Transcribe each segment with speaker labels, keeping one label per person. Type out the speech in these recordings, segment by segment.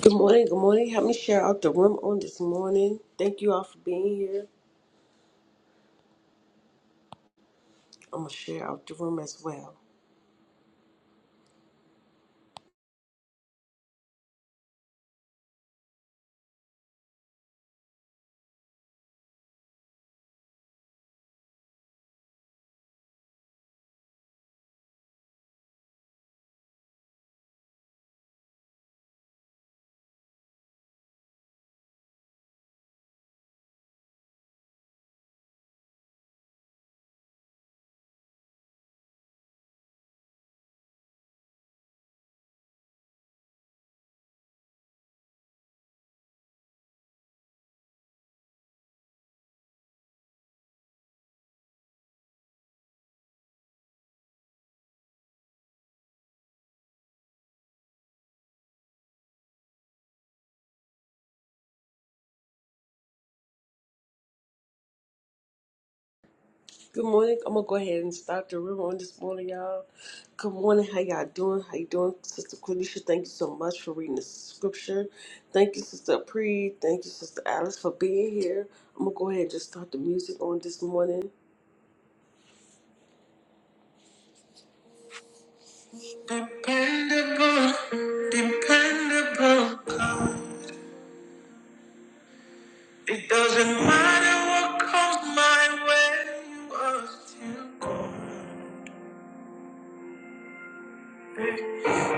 Speaker 1: Good morning, good morning. Help me share out the room on this morning. Thank you all for being here. I'm gonna share out the room as well. Good morning. I'm gonna go ahead and start the room on this morning, y'all. Good morning. How y'all doing? How you doing, Sister Quenisha? Thank you so much for reading the scripture. Thank you, Sister Pre. Thank you, Sister Alice, for being here. I'm gonna go ahead and just start the music on this morning. Dependable, dependable. It doesn't matter what comes my way, you are still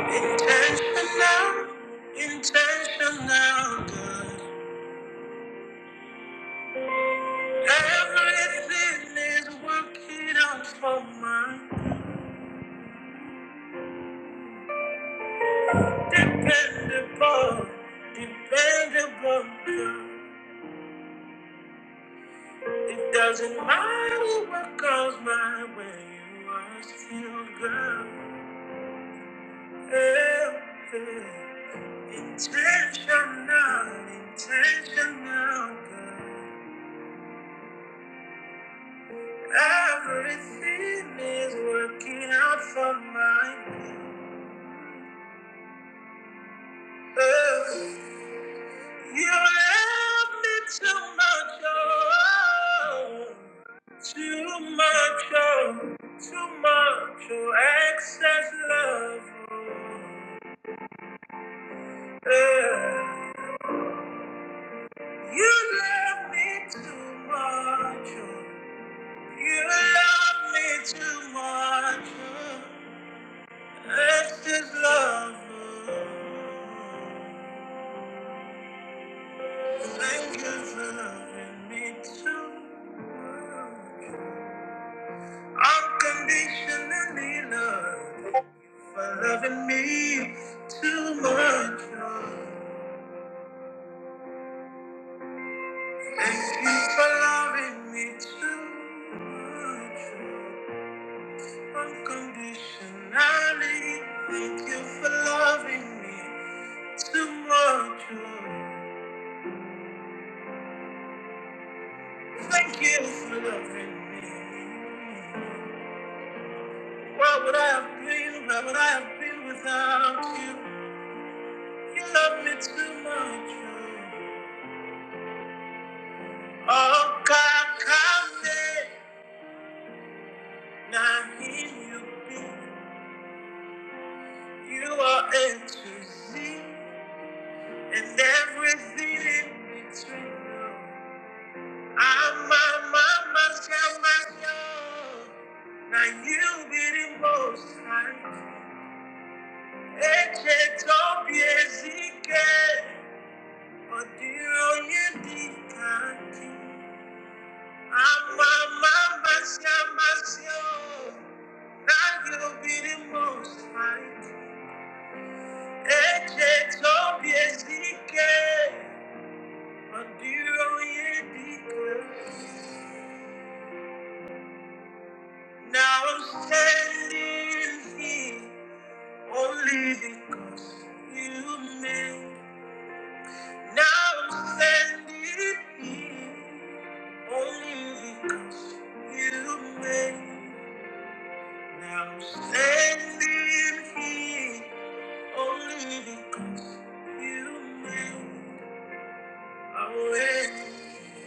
Speaker 1: intentional, intentional, God. Everything is working out for my dependable, dependable God. It doesn't matter what comes my way, you are still God. Yeah, yeah. Intentional, intentional, good. Everything is working out for my good. Oh, you love me too much, oh, too much, oh, too much, oh, excess love. Oh, Oh, you love me too much, oh. You love me too much. Let's just love. her. Thank you for loving me too much. Unconditionally love for loving me too much. Thank you for loving me too much. Unconditionally. Thank you for loving me. so much. oh, Thank you for loving me. What would I have been? Where would I have been without you? You love me too much. Oh, Oh, Kakame, Nahin, you be. You are A to Z, and everything in between. I'm my mama's girl, Now you be the most high. Eche tobie zike, odiro ye dikaki. Ama mama sia masio, now you be the most high. Eche tobie zike, odiro ye dikaki. Now I'm standing here only because you made. Now I'm standing here only because you made. Now I'm standing here only because you made a way.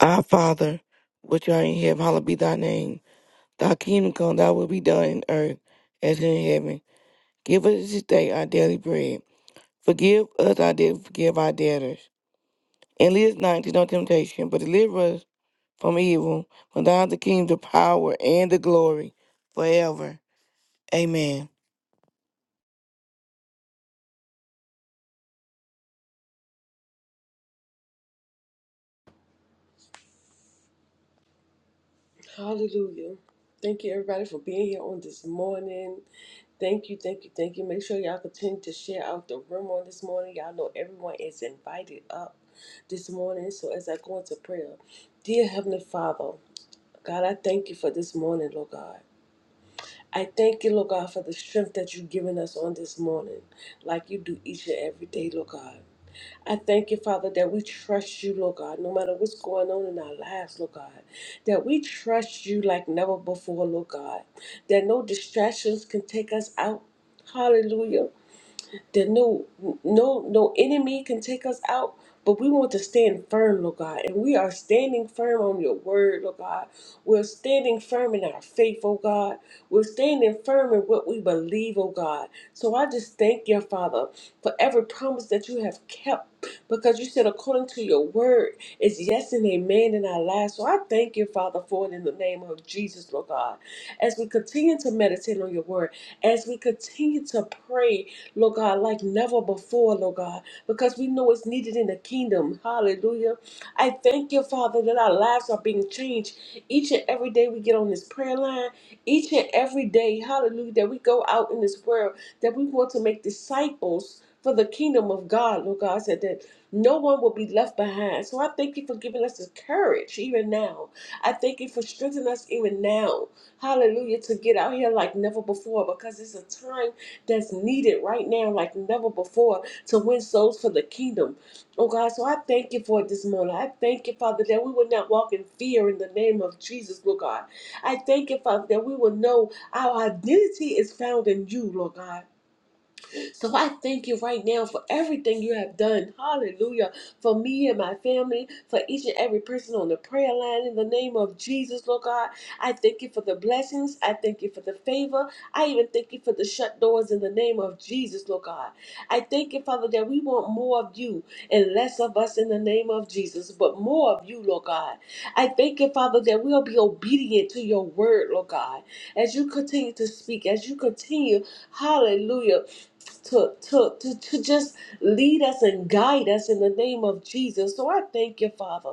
Speaker 2: Our Father, which art in heaven, hallowed be thy name. Thy kingdom come, thy will be done in earth as in heaven. Give us this day our daily bread. Forgive us our debts, forgive our debtors. And lead us not into no temptation, but deliver us from evil. For thine is the kingdom, the power, and the glory forever. Amen.
Speaker 1: Hallelujah. Thank you, everybody, for being here on this morning. Thank you, thank you, thank you. Make sure y'all continue to share out the room on this morning. Y'all know everyone is invited up this morning. So as I go into prayer, dear Heavenly Father, God, I thank you for this morning, Lord God. I thank you, Lord God, for the strength that you've given us on this morning, like you do each and every day, Lord God. I thank you, Father, that we trust you, Lord God, no matter what's going on in our lives, Lord God, that we trust you like never before, Lord God, that no distractions can take us out. Hallelujah that no no no enemy can take us out but we want to stand firm lord god and we are standing firm on your word lord god we're standing firm in our faith oh god we're standing firm in what we believe oh god so i just thank you father for every promise that you have kept because you said according to your word is yes and amen in our lives so i thank you father for it in the name of jesus lord god as we continue to meditate on your word as we continue to pray Lord God, like never before, Lord God, because we know it's needed in the kingdom. Hallelujah. I thank you, Father, that our lives are being changed each and every day we get on this prayer line, each and every day, hallelujah, that we go out in this world, that we want to make disciples for the kingdom of God, Lord God, said that no one will be left behind. So I thank you for giving us the courage even now. I thank you for strengthening us even now. Hallelujah, to get out here like never before because it's a time that's needed right now like never before to win souls for the kingdom. Oh God, so I thank you for it this morning. I thank you, Father, that we will not walk in fear in the name of Jesus, Lord God. I thank you, Father, that we will know our identity is found in you, Lord God. So I thank you right now for everything you have done. Hallelujah. For me and my family, for each and every person on the prayer line in the name of Jesus, Lord God. I thank you for the blessings. I thank you for the favor. I even thank you for the shut doors in the name of Jesus, Lord God. I thank you, Father, that we want more of you and less of us in the name of Jesus, but more of you, Lord God. I thank you, Father, that we'll be obedient to your word, Lord God. As you continue to speak, as you continue, hallelujah hallelujah to, to, to, to just lead us and guide us in the name of Jesus. So I thank you, Father.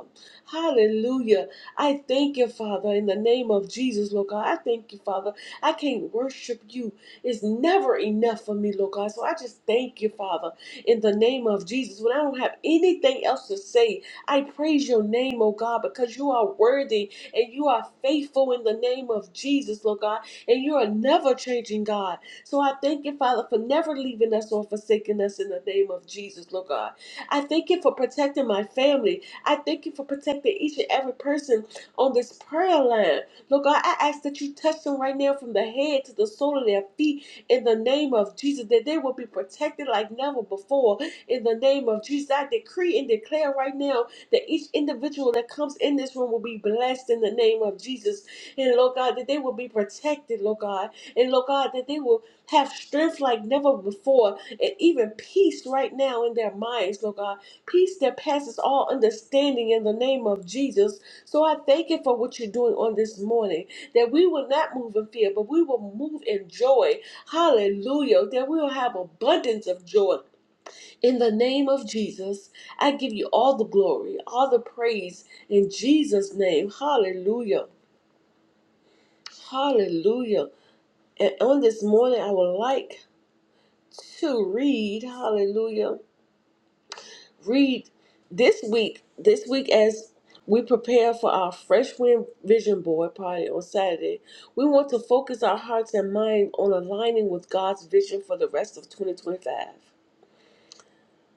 Speaker 1: Hallelujah. I thank you, Father, in the name of Jesus, Lord God. I thank you, Father. I can't worship you. It's never enough for me, Lord God. So I just thank you, Father, in the name of Jesus. When I don't have anything else to say, I praise your name, oh God, because you are worthy and you are faithful in the name of Jesus, Lord God. And you are never changing, God. So I thank you, Father, for never leaving us or forsaking us in the name of Jesus, Lord God. I thank you for protecting my family. I thank you for protecting each and every person on this prayer line. Lord God, I ask that you touch them right now from the head to the sole of their feet in the name of Jesus, that they will be protected like never before in the name of Jesus. I decree and declare right now that each individual that comes in this room will be blessed in the name of Jesus. And Lord God, that they will be protected, Lord God. And Lord God, that they will have strength like never before, and even peace right now in their minds, Lord God. Peace that passes all understanding in the name of Jesus. So I thank you for what you're doing on this morning. That we will not move in fear, but we will move in joy. Hallelujah. That we will have abundance of joy. In the name of Jesus, I give you all the glory, all the praise in Jesus' name. Hallelujah. Hallelujah. And on this morning, I would like to read, hallelujah, read this week, this week as we prepare for our Fresh Wind Vision Board party on Saturday, we want to focus our hearts and mind on aligning with God's vision for the rest of 2025.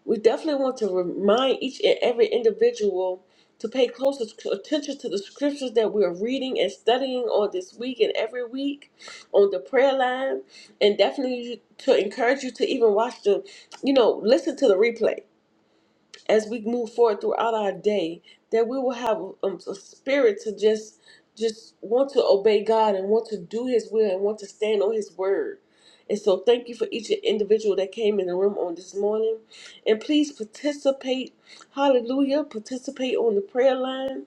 Speaker 1: We definitely want to remind each and every individual to pay close attention to the scriptures that we are reading and studying on this week and every week on the prayer line, and definitely to encourage you to even watch the, you know, listen to the replay as we move forward throughout our day that we will have um, a, spirit to just just want to obey god and want to do his will and want to stand on his word and so thank you for each individual that came in the room on this morning and please participate hallelujah participate on the prayer line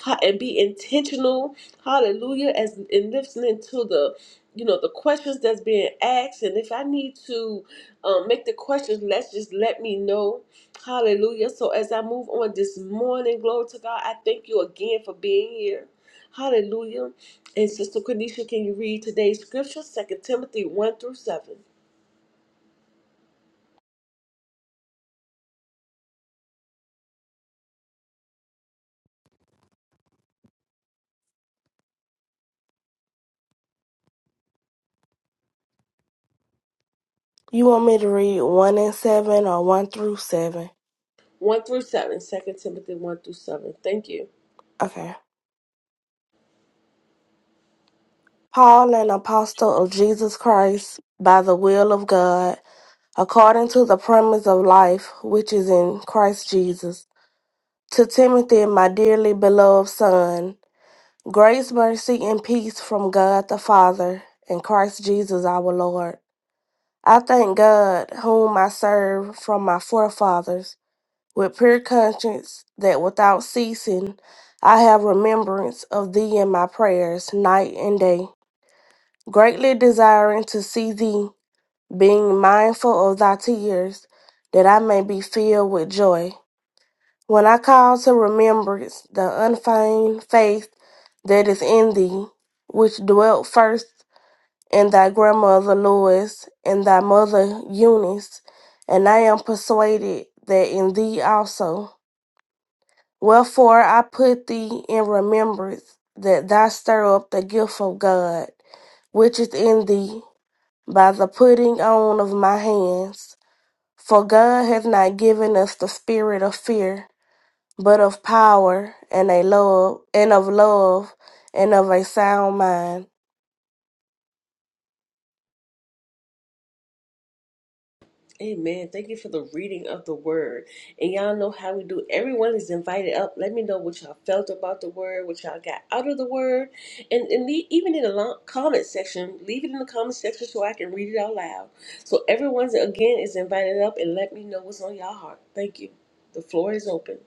Speaker 1: Ha- and be intentional hallelujah as in listening to the you know the questions that's being asked and if i need to um, make the questions let's just let me know hallelujah so as i move on this morning glory to god i thank you again for being here hallelujah and sister kanisha can you read today's scripture Second timothy 1 through 7
Speaker 3: You want me to read 1 and 7 or 1 through 7?
Speaker 1: 1 through 7, Second timothy 1 through 7 thank you
Speaker 3: Okay. Paul, an apostle of Jesus Christ, by the will of God, according to the promise of life which is in Christ Jesus, to Timothy, my dearly beloved son, grace, mercy, and peace from God the Father and Christ Jesus our Lord. I thank God, whom I serve from my forefathers with pure conscience that without ceasing I have remembrance of thee in my prayers night and day, greatly desiring to see thee, being mindful of thy tears, that I may be filled with joy. When I call to remembrance the unfeigned faith that is in thee, which dwelt first in thy grandmother Lois and thy mother Eunice, and I am persuaded that in thee also. Wherefore I put thee in remembrance that thou stir up the gift of God, which is in thee, by the putting on of my hands. For God hath not given us the spirit of fear, but of power and a love and of love and of a sound mind.
Speaker 1: Amen. Thank you for the reading of the word. And y'all know how we do. Everyone is invited up. Let me know what y'all felt about the word, what y'all got out of the word. And, and le- even in the lo- comment section, leave it in the comment section so I can read it out loud. So everyone's, again, is invited up and let me know what's on y'all heart. Thank you. The floor is open.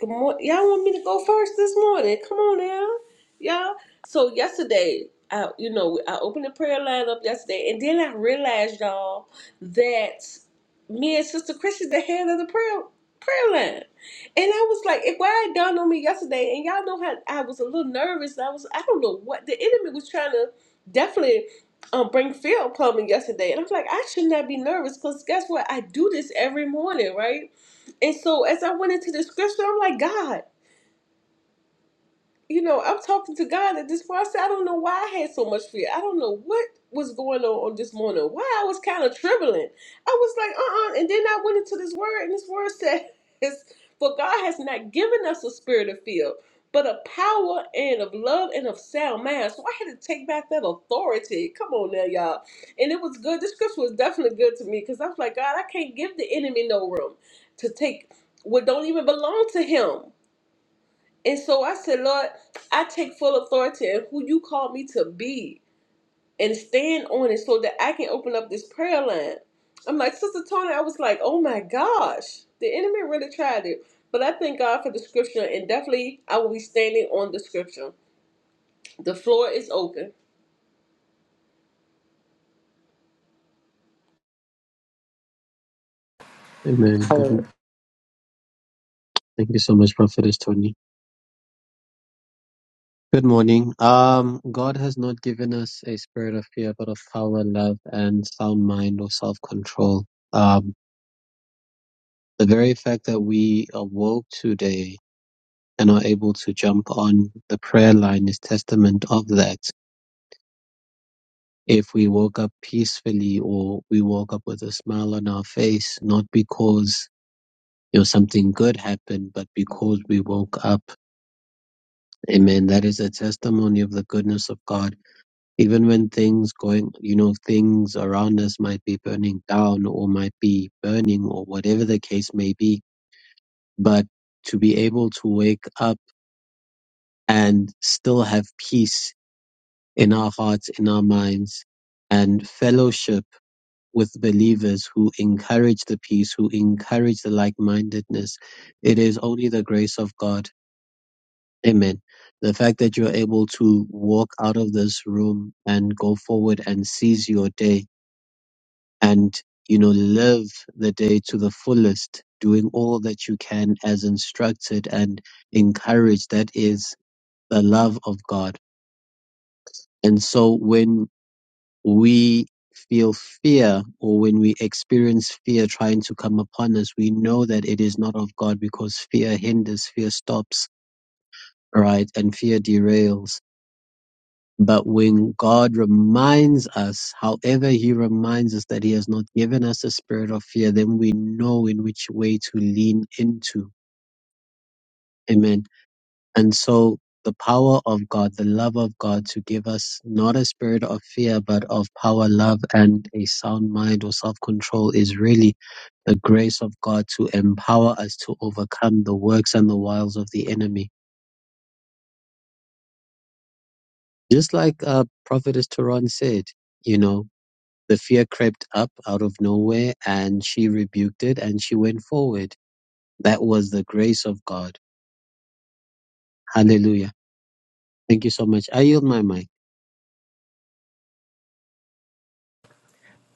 Speaker 1: Good morning. Y'all want me to go first this morning? Come on now, y'all. So yesterday, I you know I opened the prayer line up yesterday, and then I realized y'all that me and Sister Christian's the head of the prayer prayer line, and I was like, it why it dawned on me yesterday, and y'all know how I was a little nervous. I was I don't know what the enemy was trying to definitely. Um, bring field plumbing yesterday, and I was like, I should not be nervous because guess what? I do this every morning, right? And so as I went into the scripture, I'm like, God, you know, I'm talking to God at this point. I said, I don't know why I had so much fear. I don't know what was going on on this morning. Why I was kind of trembling. I was like, uh, uh And then I went into this word, and this word says, "For God has not given us a spirit of fear, but of power and of love and of sound mind." So I had to take back that authority. Come on now, y'all. And it was good. This scripture was definitely good to me because I was like, God, I can't give the enemy no room to take what don't even belong to him. And so I said, Lord, I take full authority in who you called me to be and stand on it so that I can open up this prayer line. I'm like, Sister Tony, I was like, oh my gosh, the enemy really tried it. But I thank God for the scripture and definitely I will be standing on the scripture. The floor is open.
Speaker 4: Amen. Good.
Speaker 5: Oh,
Speaker 4: Thank you so much, Prophetess Tony. Good morning. Um, God has not given us a spirit of fear, but of power, love, and sound mind or self-control. Um, the very fact that we awoke today and are able to jump on the prayer line is testament of that. If we woke up peacefully or we woke up with a smile on our face, not because you know something good happened, but because we woke up. Amen. That is a testimony of the goodness of God even when things going you know things around us might be burning down or might be burning or whatever the case may be but to be able to wake up and still have peace in our hearts in our minds and fellowship with believers who encourage the peace who encourage the like-mindedness it is only the grace of god amen the fact that you're able to walk out of this room and go forward and seize your day and you know live the day to the fullest doing all that you can as instructed and encouraged that is the love of god and so when we feel fear or when we experience fear trying to come upon us we know that it is not of god because fear hinders fear stops right and fear derails But when God reminds us, however, He reminds us that He has not given us a spirit of fear, then we know in which way to lean into. Amen. And so the power of God, the love of God to give us not a spirit of fear, but of power, love, and a sound mind or self control is really the grace of God to empower us to overcome the works and the wiles of the enemy. Just like uh, Prophetess Turan said, you know, The fear crept up out of nowhere and she rebuked it and she went forward. That was the grace of God. Hallelujah. Thank you so much. I yield my mic.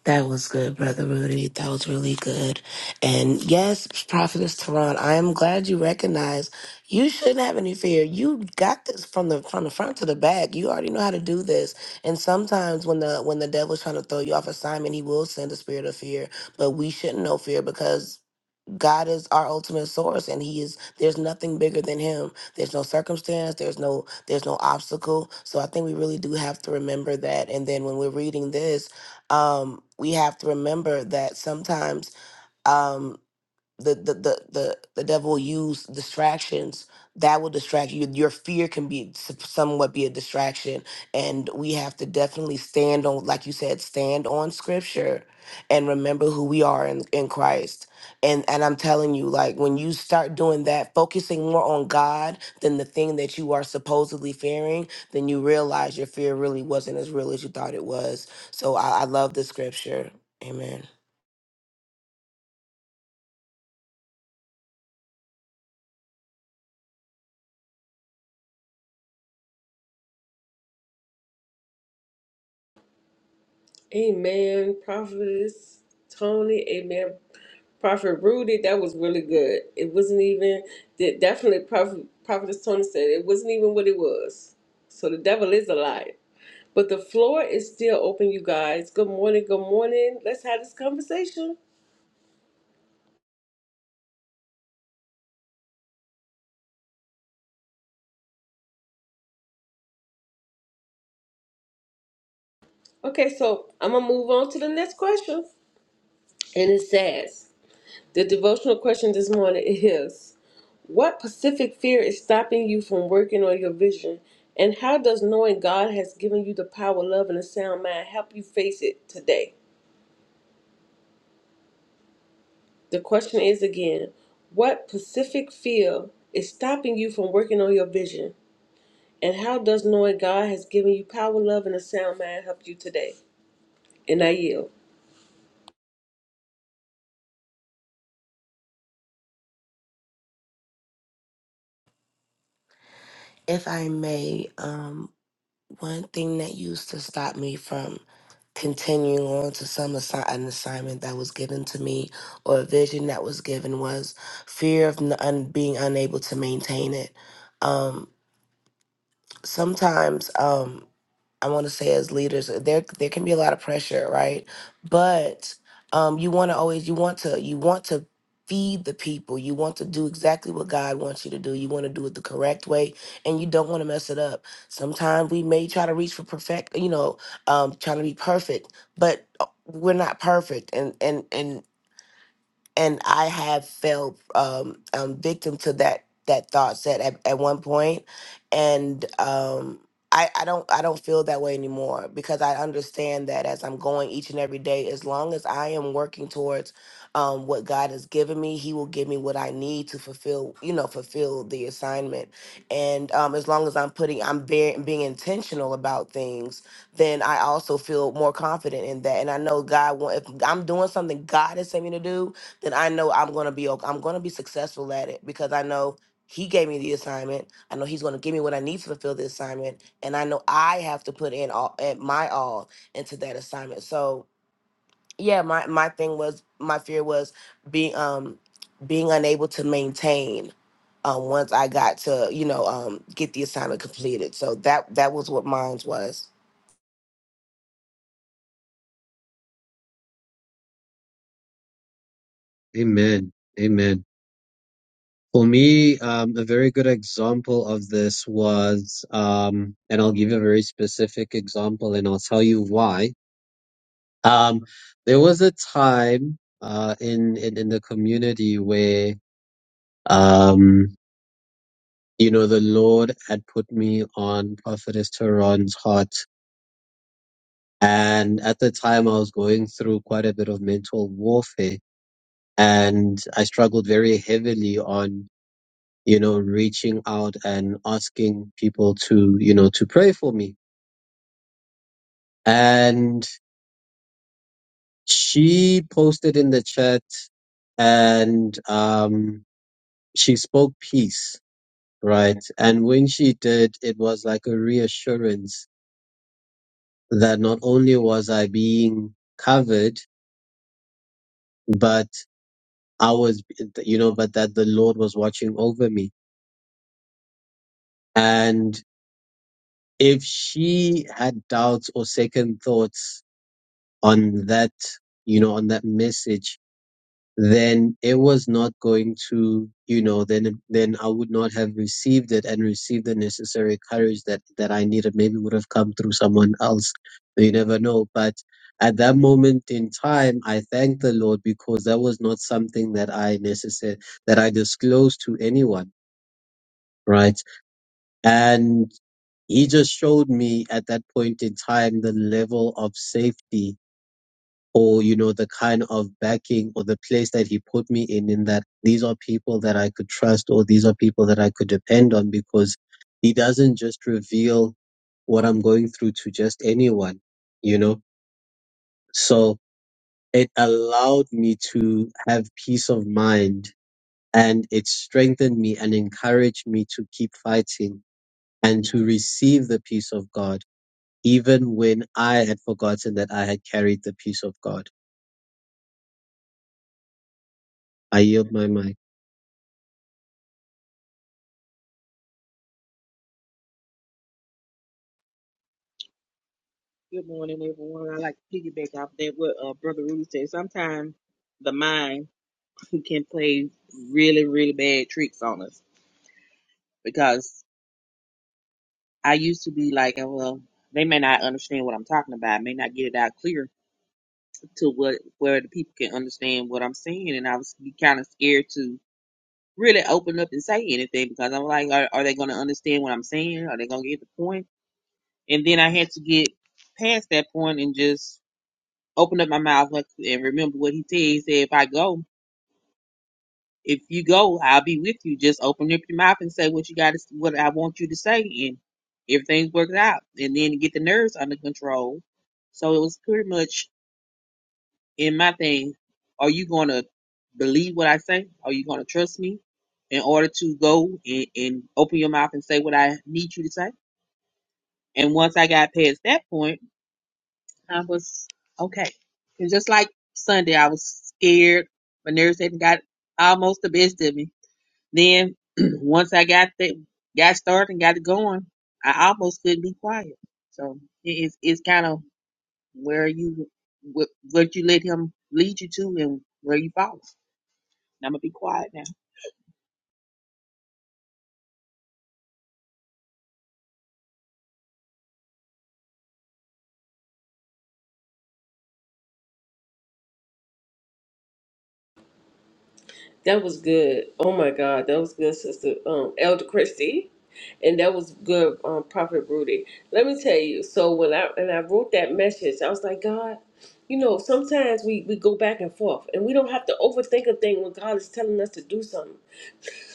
Speaker 5: that was good, Brother Rudy. That was really good. And yes, Prophetess Tehran, I am glad you recognize you shouldn't have any fear. You got this from the from the front to the back. You already know how to do this. And sometimes when the when the devil's trying to throw you off assignment, he will send a spirit of fear. But we shouldn't know fear because God is our ultimate source and he is there's nothing bigger than him. There's no circumstance, there's no there's no obstacle. So I think we really do have to remember that and then when we're reading this, um we have to remember that sometimes um the the the the, the devil will use distractions that will distract you your fear can be s- somewhat be a distraction and we have to definitely stand on like you said stand on scripture and remember who we are in, in christ and and i'm telling you like when you start doing that focusing more on god than the thing that you are supposedly fearing then you realize your fear really wasn't as real as you thought it was so i, I love the scripture amen
Speaker 1: Amen. Prophetess Tony, amen. Prophet Rudy, that was really good. It wasn't even, that definitely Prophet, Prophetess Tony said, it wasn't even what it was. So the devil is a liar. But the floor is still open, you guys. Good morning, good morning. Let's have this conversation. Okay, so I'm gonna move on to the next question. And it says the devotional question this morning is what Pacific fear is stopping you from working on your vision? And how does knowing God has given you the power, love, and a sound mind help you face it today? The question is again, what Pacific fear is stopping you from working on your vision? And how does knowing God has given you power, love, and a sound mind help you today? And I yield.
Speaker 5: if i may um One thing that used to stop me from continuing on to some assi- an assignment that was given to me or a vision that was given was fear of n- un- being unable to maintain it. Um, sometimes. Um, I want to say as leaders, uh, there there can be a lot of pressure, right? But um, you want to always you want to you want to feed the people. You want to do exactly what God wants you to do. You want to do it the correct way, and you don't want to mess it up. Sometimes we may try to reach for perfect, you know, um, trying to be perfect, but uh, we're not perfect, and and and and I have felt um, um, victim to that that thought set at, at one point, and um, I I don't I don't feel that way anymore because I understand that as I'm going each and every day, as long as I am working towards um, what God has given me, He will give me what I need to fulfill you know fulfill the assignment, and um, as long as I'm putting I'm being being intentional about things, then I also feel more confident in that, and I know God want if I'm doing something God has sent me to do then I know I'm gonna be okay. I'm gonna be successful at it because I know he gave me the assignment. I know he's gonna give me what I need to fulfill the assignment, and I know I have to put in all at my all into that assignment. So yeah, my my thing was my fear was being um being unable to maintain um once I got to you know um get the assignment completed. So that that was what mine was.
Speaker 4: Amen. Amen. For me, um, a very good example of this was, um, and I'll give you a very specific example and I'll tell you why. Um, there was a time, uh, in, in, in the community where, um, you know, the Lord had put me on Prophetess Tehran's heart And at the time, I was going through quite a bit of mental warfare and I struggled very heavily on, you know, reaching out and asking people to, you know, to pray for me. And she posted in the chat and, um, she spoke peace, right? And when she did, it was like a reassurance that not only was I being covered, but I was, you know, but that the Lord was watching over me. And if she had doubts or second thoughts on that, you know, on that message, then it was not going to, you know, then, then I would not have received it and received the necessary courage that, that I needed. Maybe would have come through someone else. You never know. But at that moment in time, I thanked the Lord because that was not something that I necessary, that I disclosed to anyone right? And he just showed me at that point in time the level of safety or, you know, the kind of backing or the place that he put me in, in that these are people that I could trust or these are people that I could depend on because he doesn't just reveal what I'm going through to just anyone, you know? So it allowed me to have peace of mind and it strengthened me and encouraged me to keep fighting and to receive the peace of God even when I had forgotten that I had carried the peace of God. I yield my mic.
Speaker 6: Good morning, everyone. I like to piggyback off that what uh, Brother Rudy said. Sometimes the mind can play really, really bad tricks on us because I used to be like, oh, well, they may not understand what I'm talking about. I may not get it out clear to what where the people can understand what I'm saying, and I was kind of scared to really open up and say anything because I'm like, are, are they going to understand what I'm saying? Are they going to get the point? And then I had to get past that point and just open up my mouth like- and remember what he said. He said, if I go, if you go, I'll be with you. Just open up your mouth and say what you got to, what I want you to say, and everything works out. And then get the nerves under control. So it was pretty much in my thing. Are you going to believe what I say? Are you going to trust me in order to go and, and open your mouth and say what I need you to say? And once I got past that point I was okay. And just like Sunday, I was scared My nerves had got almost the best of me. Then once I got that, got started and got it going, I almost couldn't be quiet. So it is it's kind of where you what, what you let him lead you to and where you follow. And I'm gonna be quiet now.
Speaker 1: That was good. Oh my God, that was good, Sister um, Elder Christie, and that was good, um, Prophet Rudy. Let me tell you. So when I and I wrote that message, I was like, God, you know, sometimes we we go back and forth, and we don't have to overthink a thing when God is telling us to do something.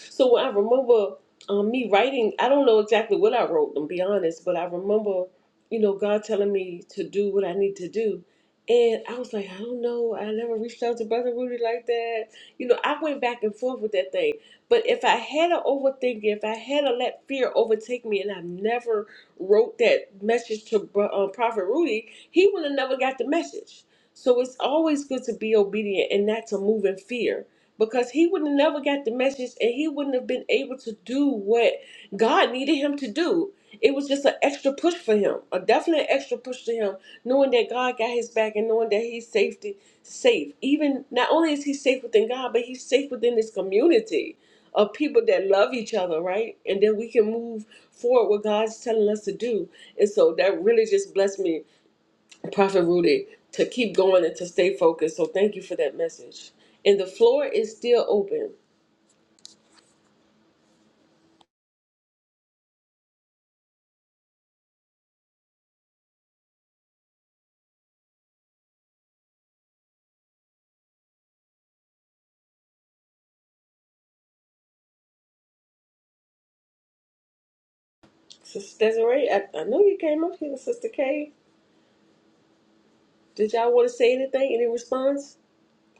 Speaker 1: So when I remember um, me writing, I don't know exactly what I wrote, to be honest, but I remember, you know, God telling me to do what I need to do. And I was like, I don't know. I never reached out to Brother Rudy like that. You know, I went back and forth with that thing. But if I had to overthink it, if I had to let fear overtake me, and I never wrote that message to Bro- uh, Prophet Rudy, he would have never got the message. So it's always good to be obedient and not to move in fear because he would have never got the message and he wouldn't have been able to do what God needed him to do. It was just an extra push for him, a definite extra push to him, knowing that God got his back and knowing that he's safety safe. Even not only is he safe within God, but he's safe within this community of people that love each other, right? And then we can move forward what God's telling us to do. And so that really just blessed me, Prophet Rudy, to keep going and to stay focused. So thank you for that message. And the floor is still open. Sister Desiree, I, I know you came up here, Sister Kay. Did y'all want to say anything? Any response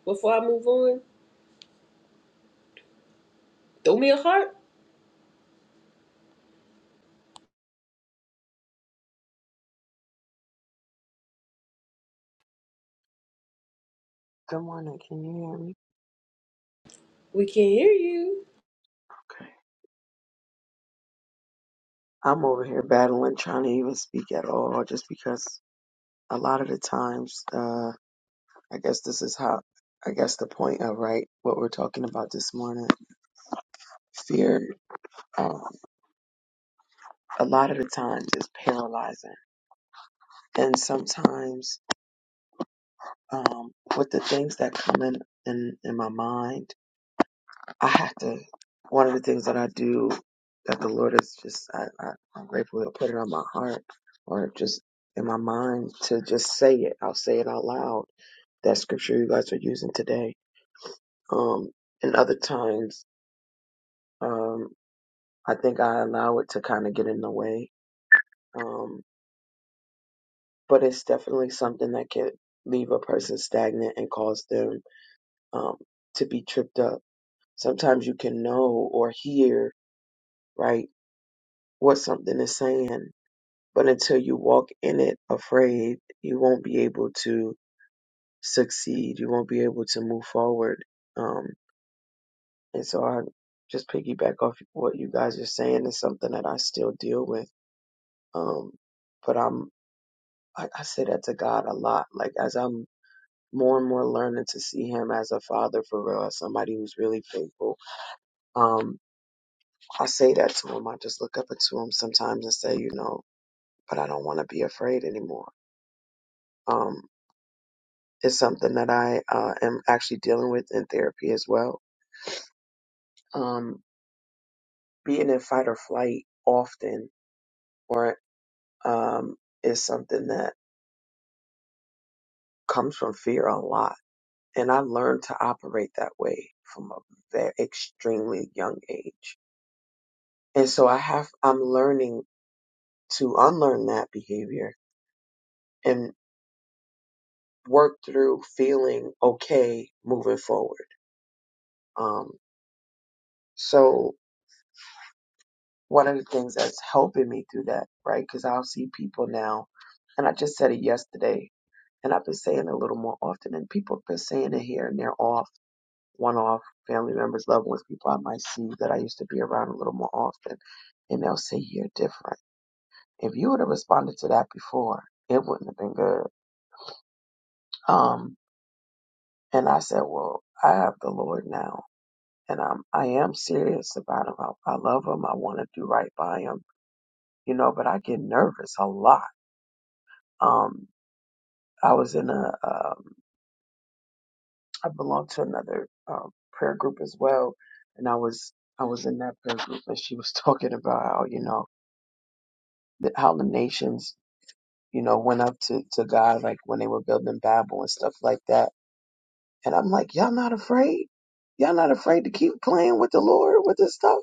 Speaker 1: before I move on? Throw me a heart.
Speaker 7: Good morning. Can you hear me?
Speaker 1: We can hear you.
Speaker 7: Okay. I'm over here battling, trying to even speak at all, just because a lot of the times, uh, I guess this is how, I guess the point of right what we're talking about this morning. Fear, um, a lot of the times is paralyzing, and sometimes, um, with the things that come in in, in my mind. I have to. One of the things that I do that the Lord is just, I, I, I'm grateful He'll put it on my heart or just in my mind to just say it. I'll say it out loud. That scripture you guys are using today. Um, and other times, um, I think I allow it to kind of get in the way. Um, but it's definitely something that can leave a person stagnant and cause them, um, to be tripped up. Sometimes you can know or hear, right, what something is saying But until you walk in it afraid, you won't be able to succeed. You won't be able to move forward. Um, and so I just piggyback off what you guys are saying is something that I still deal with. Um, but I'm, I, I say that to God a lot. Like as I'm more and more learning to see him as a father for real, as somebody who's really faithful. Um, I say that to him. I just look up to him sometimes and say, you know, but I don't want to be afraid anymore. Um, is something that I uh, am actually dealing with in therapy as well. Um, being in fight or flight often or um, is something that comes from fear a lot. And I learned to operate that way from a very extremely young age. And so I have, I'm learning to unlearn that behavior and work through feeling okay moving forward. Um, so one of the things that's helping me through that, right? Because I'll see people now, and I just said it yesterday, and I've been saying it a little more often, and people have been saying it here and there off, one off, family members, loved ones, people I might see that I used to be around a little more often, and they'll say, You're different. If you would have responded to that before, it wouldn't have been good. Um, and I said, Well, I have the Lord now. And I'm, I am serious about him. I, I love him. I want to do right by him, you know, but I get nervous a lot. Um, I was in a, um, I belonged to another um, prayer group as well, and I was I was in that prayer group, and she was talking about how you know the, how the nations you know went up to to God like when they were building Babel and stuff like that, and I'm like, y'all not afraid? Y'all not afraid to keep playing with the Lord with this stuff?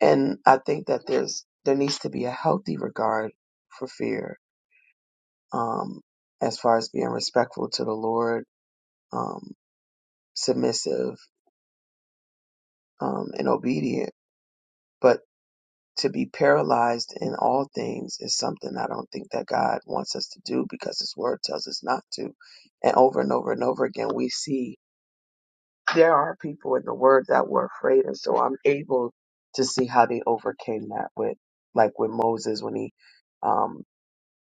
Speaker 7: And I think that there's there needs to be a healthy regard for fear, um, as far as being respectful to the Lord, um, submissive um, and obedient. But to be paralyzed in all things is something I don't think that God wants us to do because His Word tells us not to. And over and over and over again, we see there are people in the Word that were afraid. And so I'm able to see how they overcame that with, like with Moses when he, um,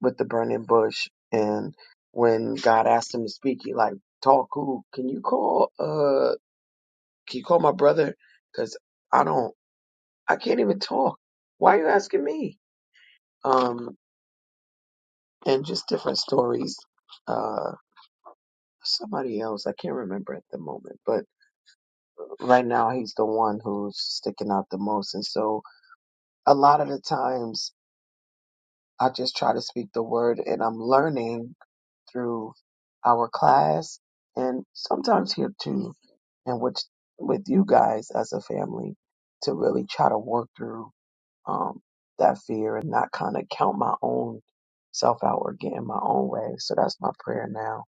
Speaker 7: with the burning bush and when God asked him to speak, he like, talk who? Can you call, uh, can you call my brother? Cause I don't. I can't even talk. Why are you asking me? Um, and just different stories. Uh, somebody else, I can't remember at the moment, but right now he's the one who's sticking out the most. And so a lot of the times I just try to speak the word and I'm learning through our class and sometimes here too, and which with you guys as a family to really try to work through um, that fear and not kind of count my own self out or get in my own way. So that's my prayer now.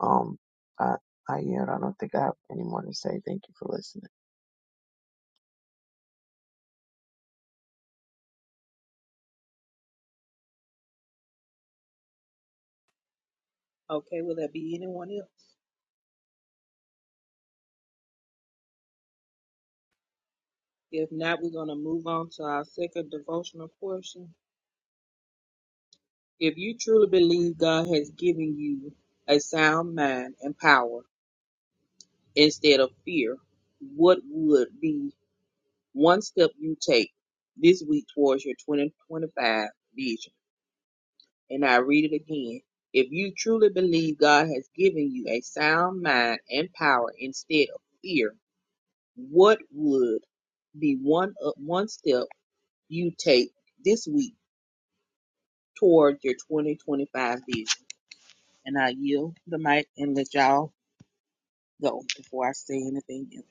Speaker 7: Um, I, I yield. I don't think I have any more to say. Thank you for listening.
Speaker 6: Okay, will there be anyone else? If not, we're gonna move on to our second devotional portion. If you truly believe God has given you a sound mind and power instead of fear, what would be one step you take this week towards your 2025 vision? And I read it again. If you truly believe God has given you a sound mind and power instead of fear, what would be one up one step you take this week towards your 2025 vision? And I yield the mic and let y'all go before I say anything else.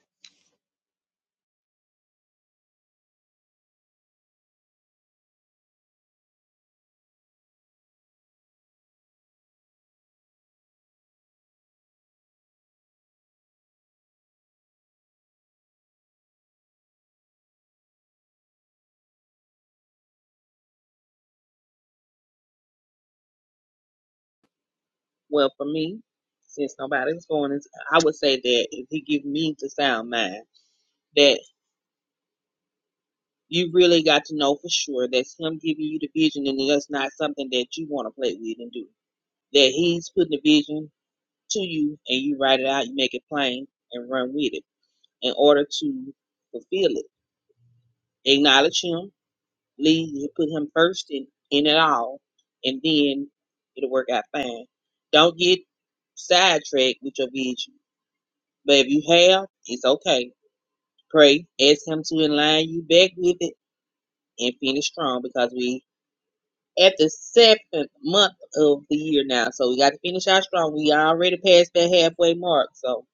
Speaker 6: Well, for me, since nobody's going, into, I would say that if he give me the sound mind, that you really got to know for sure that's him giving you the vision, and that's not something that you want to play with and do. That he's putting the vision to you, and you write it out, you make it plain, and run with it in order to fulfill it. Acknowledge him, Lee, you put him first in, in it all, and then it'll work out fine. Don't get sidetracked with your vision. But if you have, it's okay. Pray, ask him to align you back with it, and finish strong because we at the seventh month of the year now. So we got to finish out strong. We already passed that halfway mark. So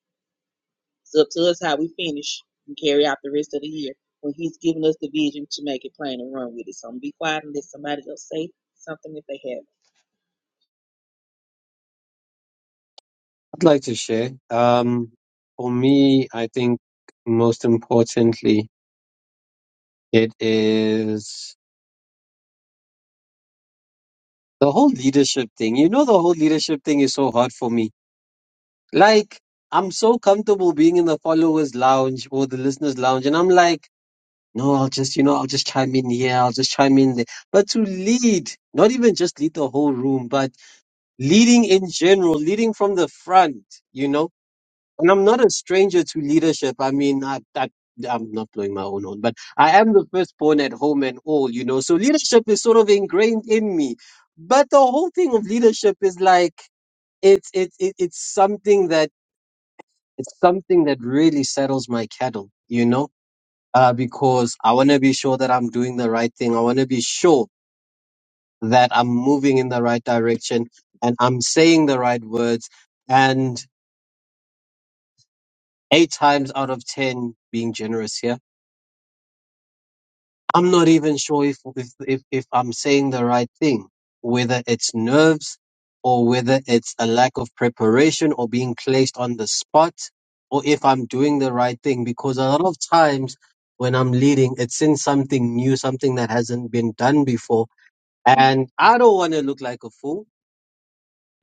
Speaker 6: it's up to us how we finish and carry out the rest of the year when he's giving us the vision to make it plain and run with it. So I'm gonna be quiet and let somebody else say something if they have.
Speaker 4: I'd like to share. Um, for me, I think most importantly, it is the whole leadership thing. You know, the whole leadership thing is so hard for me. Like, I'm so comfortable being in the followers' lounge or the listeners' lounge, and I'm like, no, I'll just, you know, I'll just chime in here, I'll just chime in there. But to lead, not even just lead the whole room, but leading in general, leading from the front, you know. And I'm not a stranger to leadership. I mean, I, I, I'm not blowing my own horn, but I am the firstborn at home and all, you know. So leadership is sort of ingrained in me. But the whole thing of leadership is like it's it's it, it's something that it's something that really settles my cattle, you know. Uh, because I want to be sure that I'm doing the right thing. I want to be sure that I'm moving in the right direction and I'm saying the right words. And eight times out of ten being generous here. I'm not even sure if if if, if I'm saying the right thing, whether it's nerves or whether it's a lack of preparation or being placed on the spot or if I'm doing the right thing because a lot of times when I'm leading it's in something new, something that hasn't been done before and I don't want to look like a fool.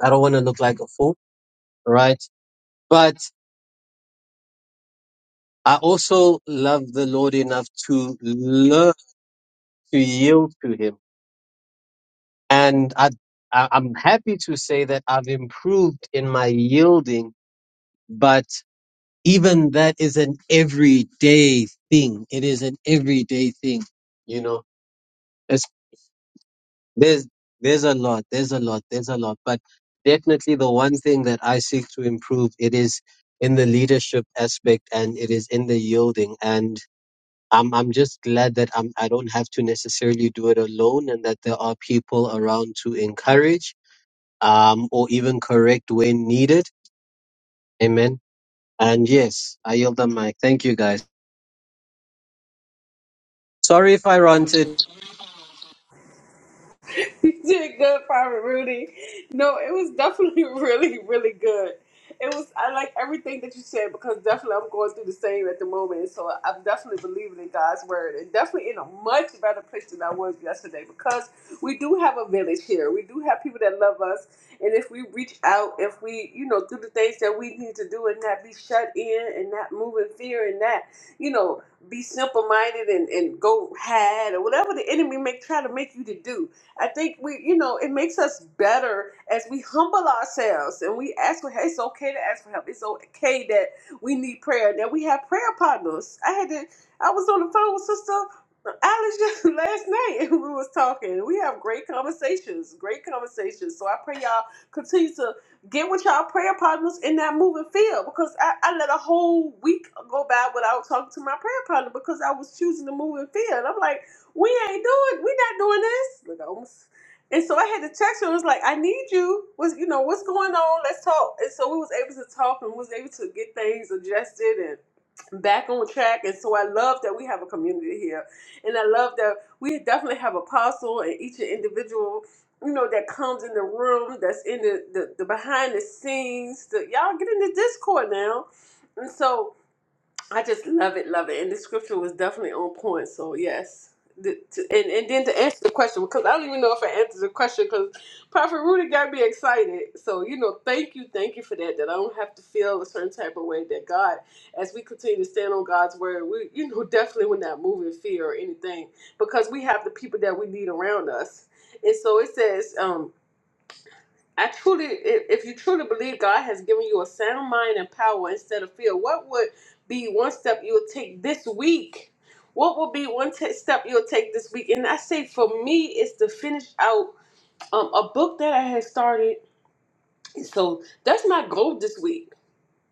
Speaker 4: I don't want to look like a fool, right? But I also love the Lord enough to learn to yield to him and I, I I'm happy to say that I've improved in my yielding, but even that is an everyday thing. It is an everyday thing, you know. It's, there's there's a lot, there's a lot, there's a lot, but definitely the one thing that I seek to improve it is in the leadership aspect and it is in the yielding and. I'm I'm just glad that I'm I don't have to necessarily do it alone and that there are people around to encourage um, or even correct when needed. Amen. And yes, I yield the mic. Thank you guys. Sorry if I ranted.
Speaker 1: you did good, Private Rudy. No, it was definitely really, really good. It was. I like everything that you said because definitely I'm going through the same at the moment. So I'm definitely believing in God's word and definitely in a much better place than I was yesterday because we do have a village here. We do have people that love us, and if we reach out, if we you know do the things that we need to do and not be shut in and not move in fear and not you know be simple minded and and go had or whatever the enemy may try to make you to do I think we, you know, it makes us better as we humble ourselves and we ask for help. It's okay to ask for help. It's okay that we need prayer, that we have prayer partners. I had to, I was on the phone with Sister Alice just last night and we was talking. We have great conversations, great conversations. So I pray y'all continue to get with y'all prayer partners in that moving field because I, I let a whole week go by without talking to my prayer partner because I was choosing the moving field. I'm like, we ain't doing, we not doing this. Like I almost, and so I had to text her. I was like, I need you. Was you know what's going on? Let's talk. And so we was able to talk and was able to get things adjusted and back on track. And so I love that we have a community here, and I love that we definitely have apostle and each individual. You know that comes in the room, that's in the the, the behind the scenes. The, y'all get in the Discord now, and so. I just love it, love it. And the scripture was definitely on point. So yes. The, to, and, and then to answer the question, because I don't even know if I answered the question, because Prophet Rudy got me excited. So, you know, thank you, thank you for that, that I don't have to feel a certain type of way that God, as we continue to stand on God's word, we, you know, definitely would not move in fear or anything, because we have the people that we need around us. And so it says, um, I truly, if if you truly believe God has given you a sound mind and power instead of fear, what would be one step you would take this week? What would be one ta step you'll take this week? And I say for me, it's to finish out um, a book that I had started. So that's my goal this week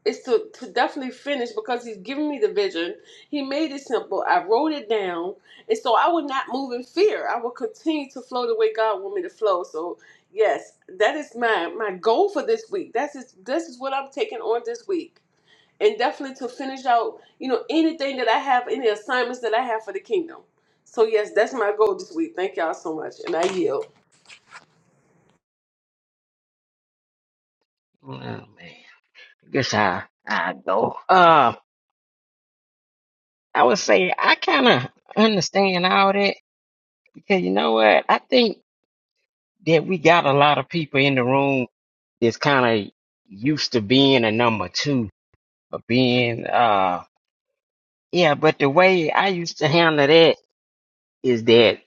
Speaker 1: it's to, to definitely finish because he's giving me the vision. He made it simple. I wrote it down. And so I would not move in fear. I will continue to flow the way God want me to flow. So yes, that is my my goal for this week. That's is this is what I'm taking on this week. And definitely to finish out, you know, anything that I have, any assignments that I have for the kingdom. So yes, that's my goal this week. Thank y'all so much. And I yield.
Speaker 8: Oh man, I guess I I go. Uh, I would say I kind of understand all that because you know what? I think that we got a lot of people in the room that's kind of used to being a number two, or being uh, yeah. But the way I used to handle that is that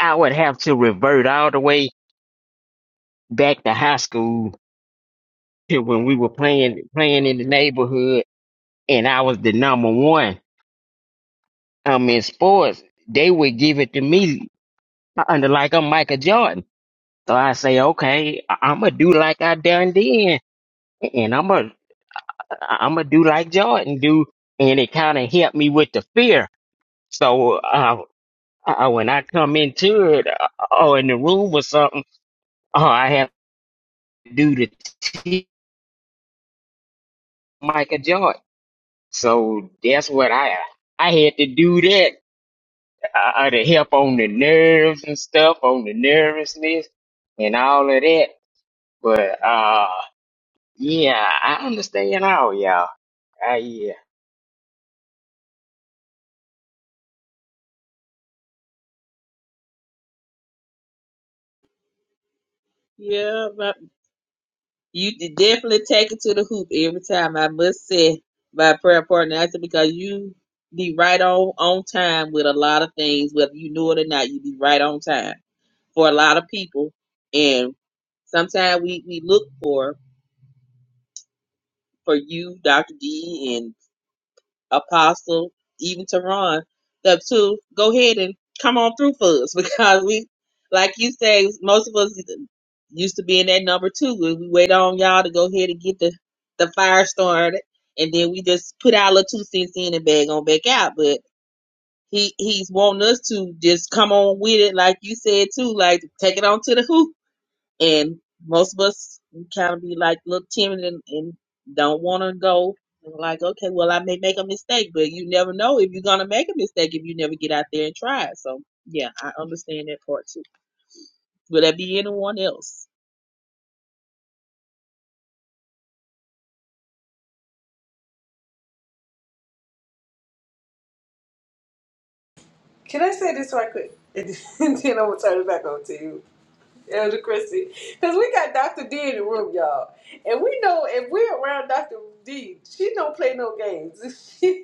Speaker 8: I would have to revert all the way back to high school to when we were playing playing in the neighborhood, and I was the number one. um in sports, they would give it to me under like I'm Michael Jordan. So I say, okay, I- am going to do like I done then, and I'ma I'ma do like Jordan do, and it kind of helped me with the fear. So uh, uh, when I come into it uh, or in the room or something, oh, I have to do the t- Michael Jordan. So that's what I I had to do that uh, to help on the nerves and stuff, on the nervousness and all of that. But uh, yeah, I understand all y'all. I, yeah.
Speaker 6: Yeah, but you did definitely take it to the hoop every time. I must say, my prayer partner, I said because you be right on on time with a lot of things, whether you know it or not. You be right on time for a lot of people, and sometimes we we look for for you, Doctor D, Apostle, even to Ron, that to go ahead and come on through for us because we, like you say, most of us used to be in that number two. We we wait on y'all to go ahead and get the, the fire started, and then we just put our little two cents in and bag on back out. But he he's wanting us to just come on with it, like you said too, like take it on to the hoop and most of us kind of be like a little timid and, and don't want to go. And we're Like, okay, well, I may make a mistake, but you never know if you're going to make a mistake if you never get out there and try it. So, yeah, I understand that part too. Will there be anyone else?
Speaker 1: Can I say this right quick? And then I'm gonna turn it back over to you. Elder Christie. Because we got Dr. D in the room, y'all. And we know if we're around Dr. D, she don't play no games. She,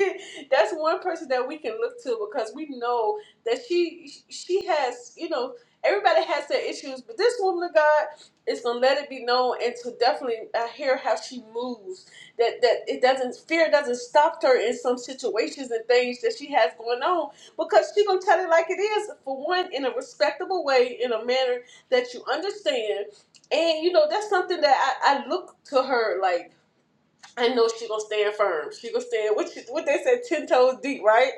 Speaker 1: That's one person that we can look to because we know that she she has, you know, everybody has their issues, but this woman of God is gonna let it be known and to definitely uh, hear how she moves. That that it doesn't fear doesn't stop her in some situations and things that she has going on because she gonna tell it like it is for one in a respectable way in a manner that you understand. And you know, that's something that I, I look to her like I know she gonna stand firm. She gonna stand what she, what they said, ten toes deep, right?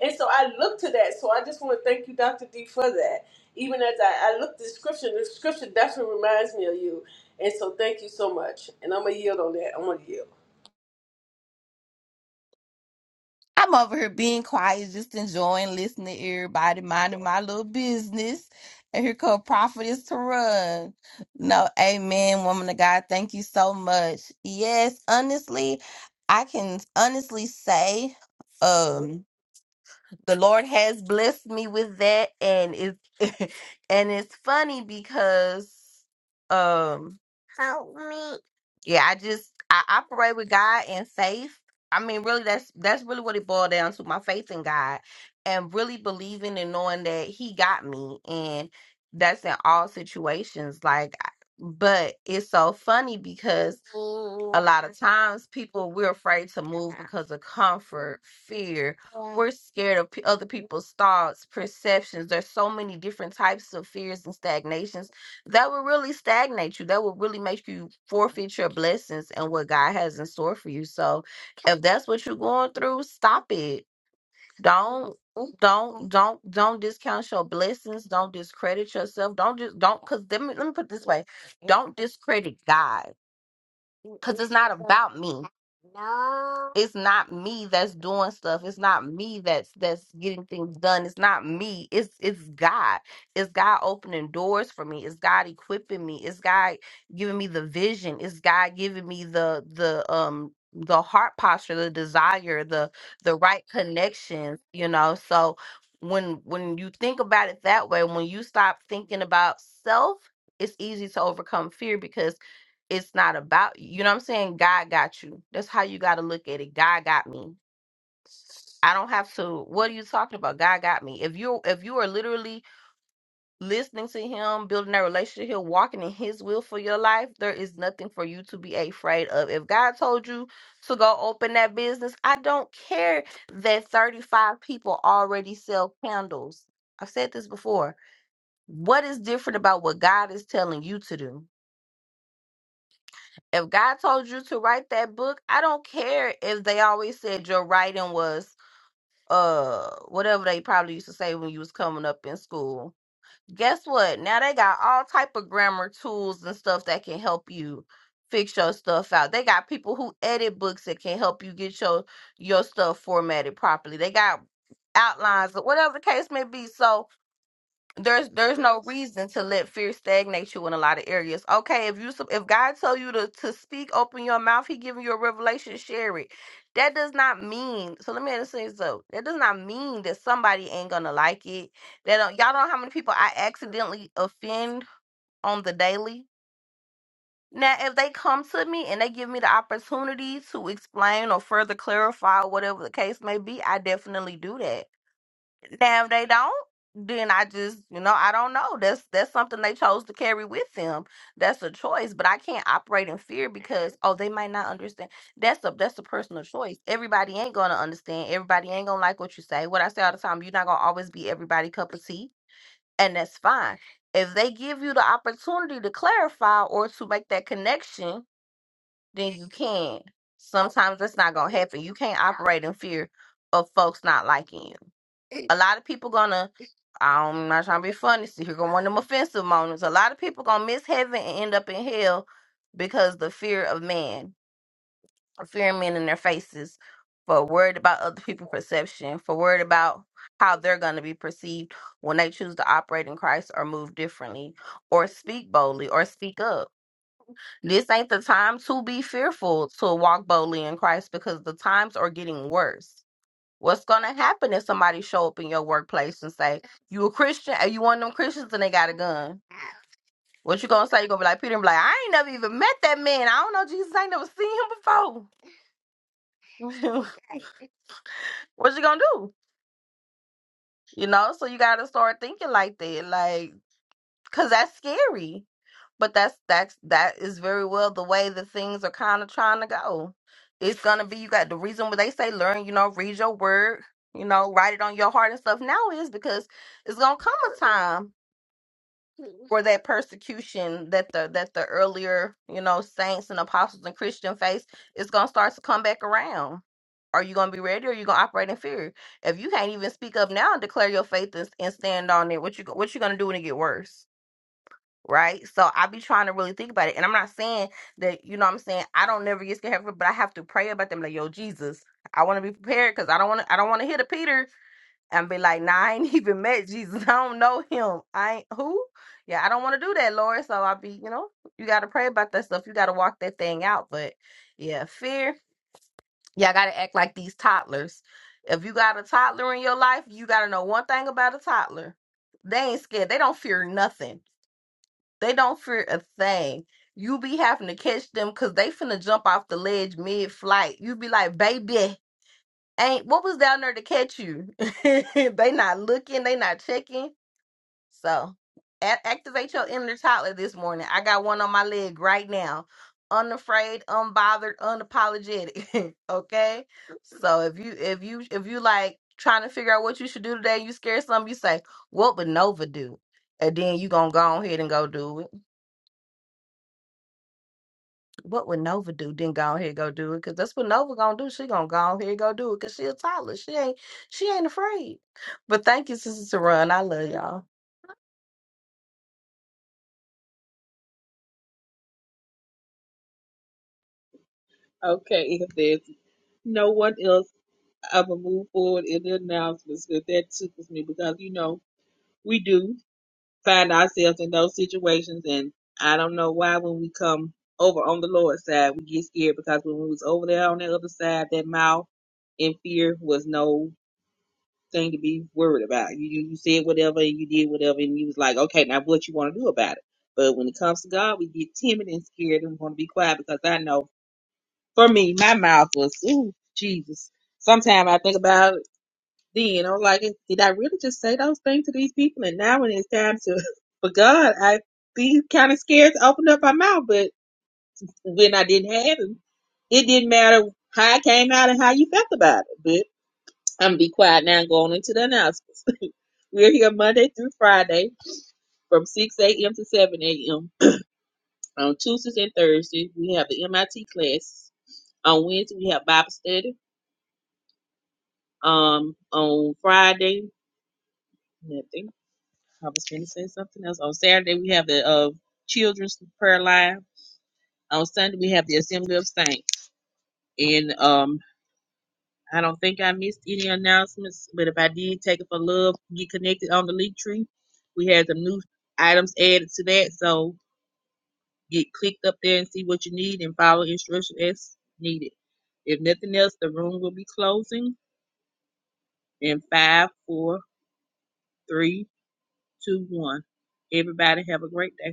Speaker 1: And so I look to that. So I just want to thank you, Dr. D, for that. Even as I, I look at the scripture, the scripture definitely reminds me of you. And so thank you so much. And I'm gonna yield on that. I'm gonna yield.
Speaker 9: I'm over here being quiet, just enjoying listening to everybody, minding my little business. And here come prophetess to run. No, amen, woman of God. Thank you so much. Yes, honestly, I can honestly say, um, the Lord has blessed me with that, and it's and it's funny because um help me. Yeah, I just I operate with God and faith. I mean, really, that's that's really what it boiled down to my faith in God and really believing and knowing that He got me, and that's in all situations. Like, I- but it's so funny because a lot of times people we're afraid to move because of comfort, fear, we're scared of p- other people's thoughts, perceptions. There's so many different types of fears and stagnations that will really stagnate you. That will really make you forfeit your blessings and what God has in store for you. So, if that's what you're going through, stop it. Don't don't don't don't discount your blessings. Don't discredit yourself. Don't just don't because let me let me put it this way. Don't discredit God because it's not about me. It's not me that's doing stuff. It's not me that's that's getting things done. It's not me. It's it's God. It's God opening doors for me. It's God equipping me. It's God giving me the vision. It's God giving me the the um the heart posture, the desire, the the right connections, you know. So when when you think about it that way, when you stop thinking about self, it's easy to overcome fear because it's not about you. You know what I'm saying? God got you. That's how you got to look at it. God got me. I don't have to. What are you talking about? God got me. If you if you are literally listening to Him, building that relationship, Him, walking in His will for your life, there is nothing for you to be afraid of. If God told you to go open that business, I don't care that 35 people already sell candles. I've said this before. What is different about what God is telling you to do? If God told you to write that book, I don't care if they always said your writing was uh whatever they probably used to say when you was coming up in school. Guess what? Now they got all type of grammar tools and stuff that can help you fix your stuff out. They got people who edit books that can help you get your your stuff formatted properly. They got outlines or whatever the case may be. So there's there's no reason to let fear stagnate you in a lot of areas. Okay, if you sup- if God told you to to speak, open your mouth, He giving you a revelation, share it. That does not mean. So let me understand this though. That does not mean that somebody ain't gonna like it. That don't, y'all don't know how many people I accidentally offend on the daily. Now, if they come to me and they give me the opportunity to explain or further clarify whatever the case may be, I definitely do that. Now if they don't, then I just you know I don't know. That's that's something they chose to carry with them. That's a choice, but I can't operate in fear because oh they might not understand. That's a that's a personal choice. Everybody ain't gonna understand. Everybody ain't gonna like what you say. What I say all the time, you're not gonna always be everybody cup of tea, and that's fine. If they give you the opportunity to clarify or to make that connection then you can. Sometimes that's not gonna happen. You can't operate in fear of folks not liking you. A lot of people gonna I'm not trying to be funny, so here going one of them offensive moments. A lot of people gonna miss heaven and end up in hell because the fear of man, a fear of men in their faces, for worried about other people's perception, for worried about how they're gonna be perceived when they choose to operate in Christ or move differently or speak boldly or speak up. This ain't the time to be fearful to walk boldly in Christ because the times are getting worse. What's gonna happen if somebody show up in your workplace and say, You a Christian? Are you one of them Christians and they got a gun? What you gonna say? You gonna be like Peter and be like, I ain't never even met that man. I don't know Jesus. I ain't never seen him before. what you gonna do? You know, so you gotta start thinking like that. Like because that's scary. But that's that's that is very well the way that things are kind of trying to go. It's gonna be you got the reason why they say learn, you know, read your word, you know, write it on your heart and stuff. Now is because it's gonna come a time for that persecution that the that the earlier you know saints and apostles and Christian faith is gonna start to come back around. Are you gonna be ready? Or are you gonna operate in fear? If you can't even speak up now and declare your faith and, and stand on it, what you go- what you gonna do when it get worse? right? So I be trying to really think about it. And I'm not saying that, you know what I'm saying, I don't never get scared, but I have to pray about them like, yo, Jesus, I want to be prepared because I don't want to I don't want to hit a Peter and be like, nah, I ain't even met Jesus. I don't know him. I ain't who? Yeah, I don't want to do that, Lord. So i be, you know, you gotta pray about that stuff. You gotta walk that thing out. But yeah, fear. Y'all gotta act like these toddlers. If you got a toddler in your life, you gotta know one thing about a toddler. They ain't scared. They don't fear nothing they don't fear a thing. You be having to catch them because they finna jump off the ledge mid flight. You be like, baby, ain't what was down there to catch you? they not looking, they not checking. So a- activate your inner toddler this morning. I got one on my leg right now. Unafraid, unbothered, unapologetic. okay? So if you if you if you like trying to figure out what you should do today, you scared something, you say, What would Nova do? And then you gonna go ahead and go do it. What would Nova do? Then go ahead and go do it, cause that's what Nova gonna do. She gonna go ahead and go do it, cause she a toddler. She ain't she ain't afraid. But thank you, Sister Run. I love y'all.
Speaker 6: Okay, if there's no one else, I will move forward in the announcements. But that tickles me because, you know, we do. find ourselves in those situations and I don't know why when we come over on the Lord's side we get scared because when we was over there on the other side that mouth and fear was no thing to be worried about. You you you said whatever and you did whatever and you was like, Okay, now what you wanna do about it? But when it comes to God we get timid and scared and want to be quiet because I know for me my mouth was ooh Jesus. Sometimes I think about then. I'm like, did I really just say those things to these people? And now when it's time to, but God, I be kind of scared to open up my mouth. But when I didn't have him, it didn't matter how I came out and how you felt about it. But I'm gonna be quiet now and go on into the announcements. We're here Monday through Friday from 6 a.m. to 7 a.m. On Tuesdays and Thursdays, we have the MIT class. On Wednesday, we have Bible study. Um, on Friday, nothing. I was going to say something else. On Saturday, we have the uh, children's prayer line. On Sunday, we have the Assembly of Saints. And um, I don't think I missed any announcements, but if I did, take it for love. Get connected on the link tree. We had some new items added to that, so get clicked up there and see what you need and follow instructions as needed. If nothing else, the room will be closing in five, four, three, two, one. Everybody have a great day.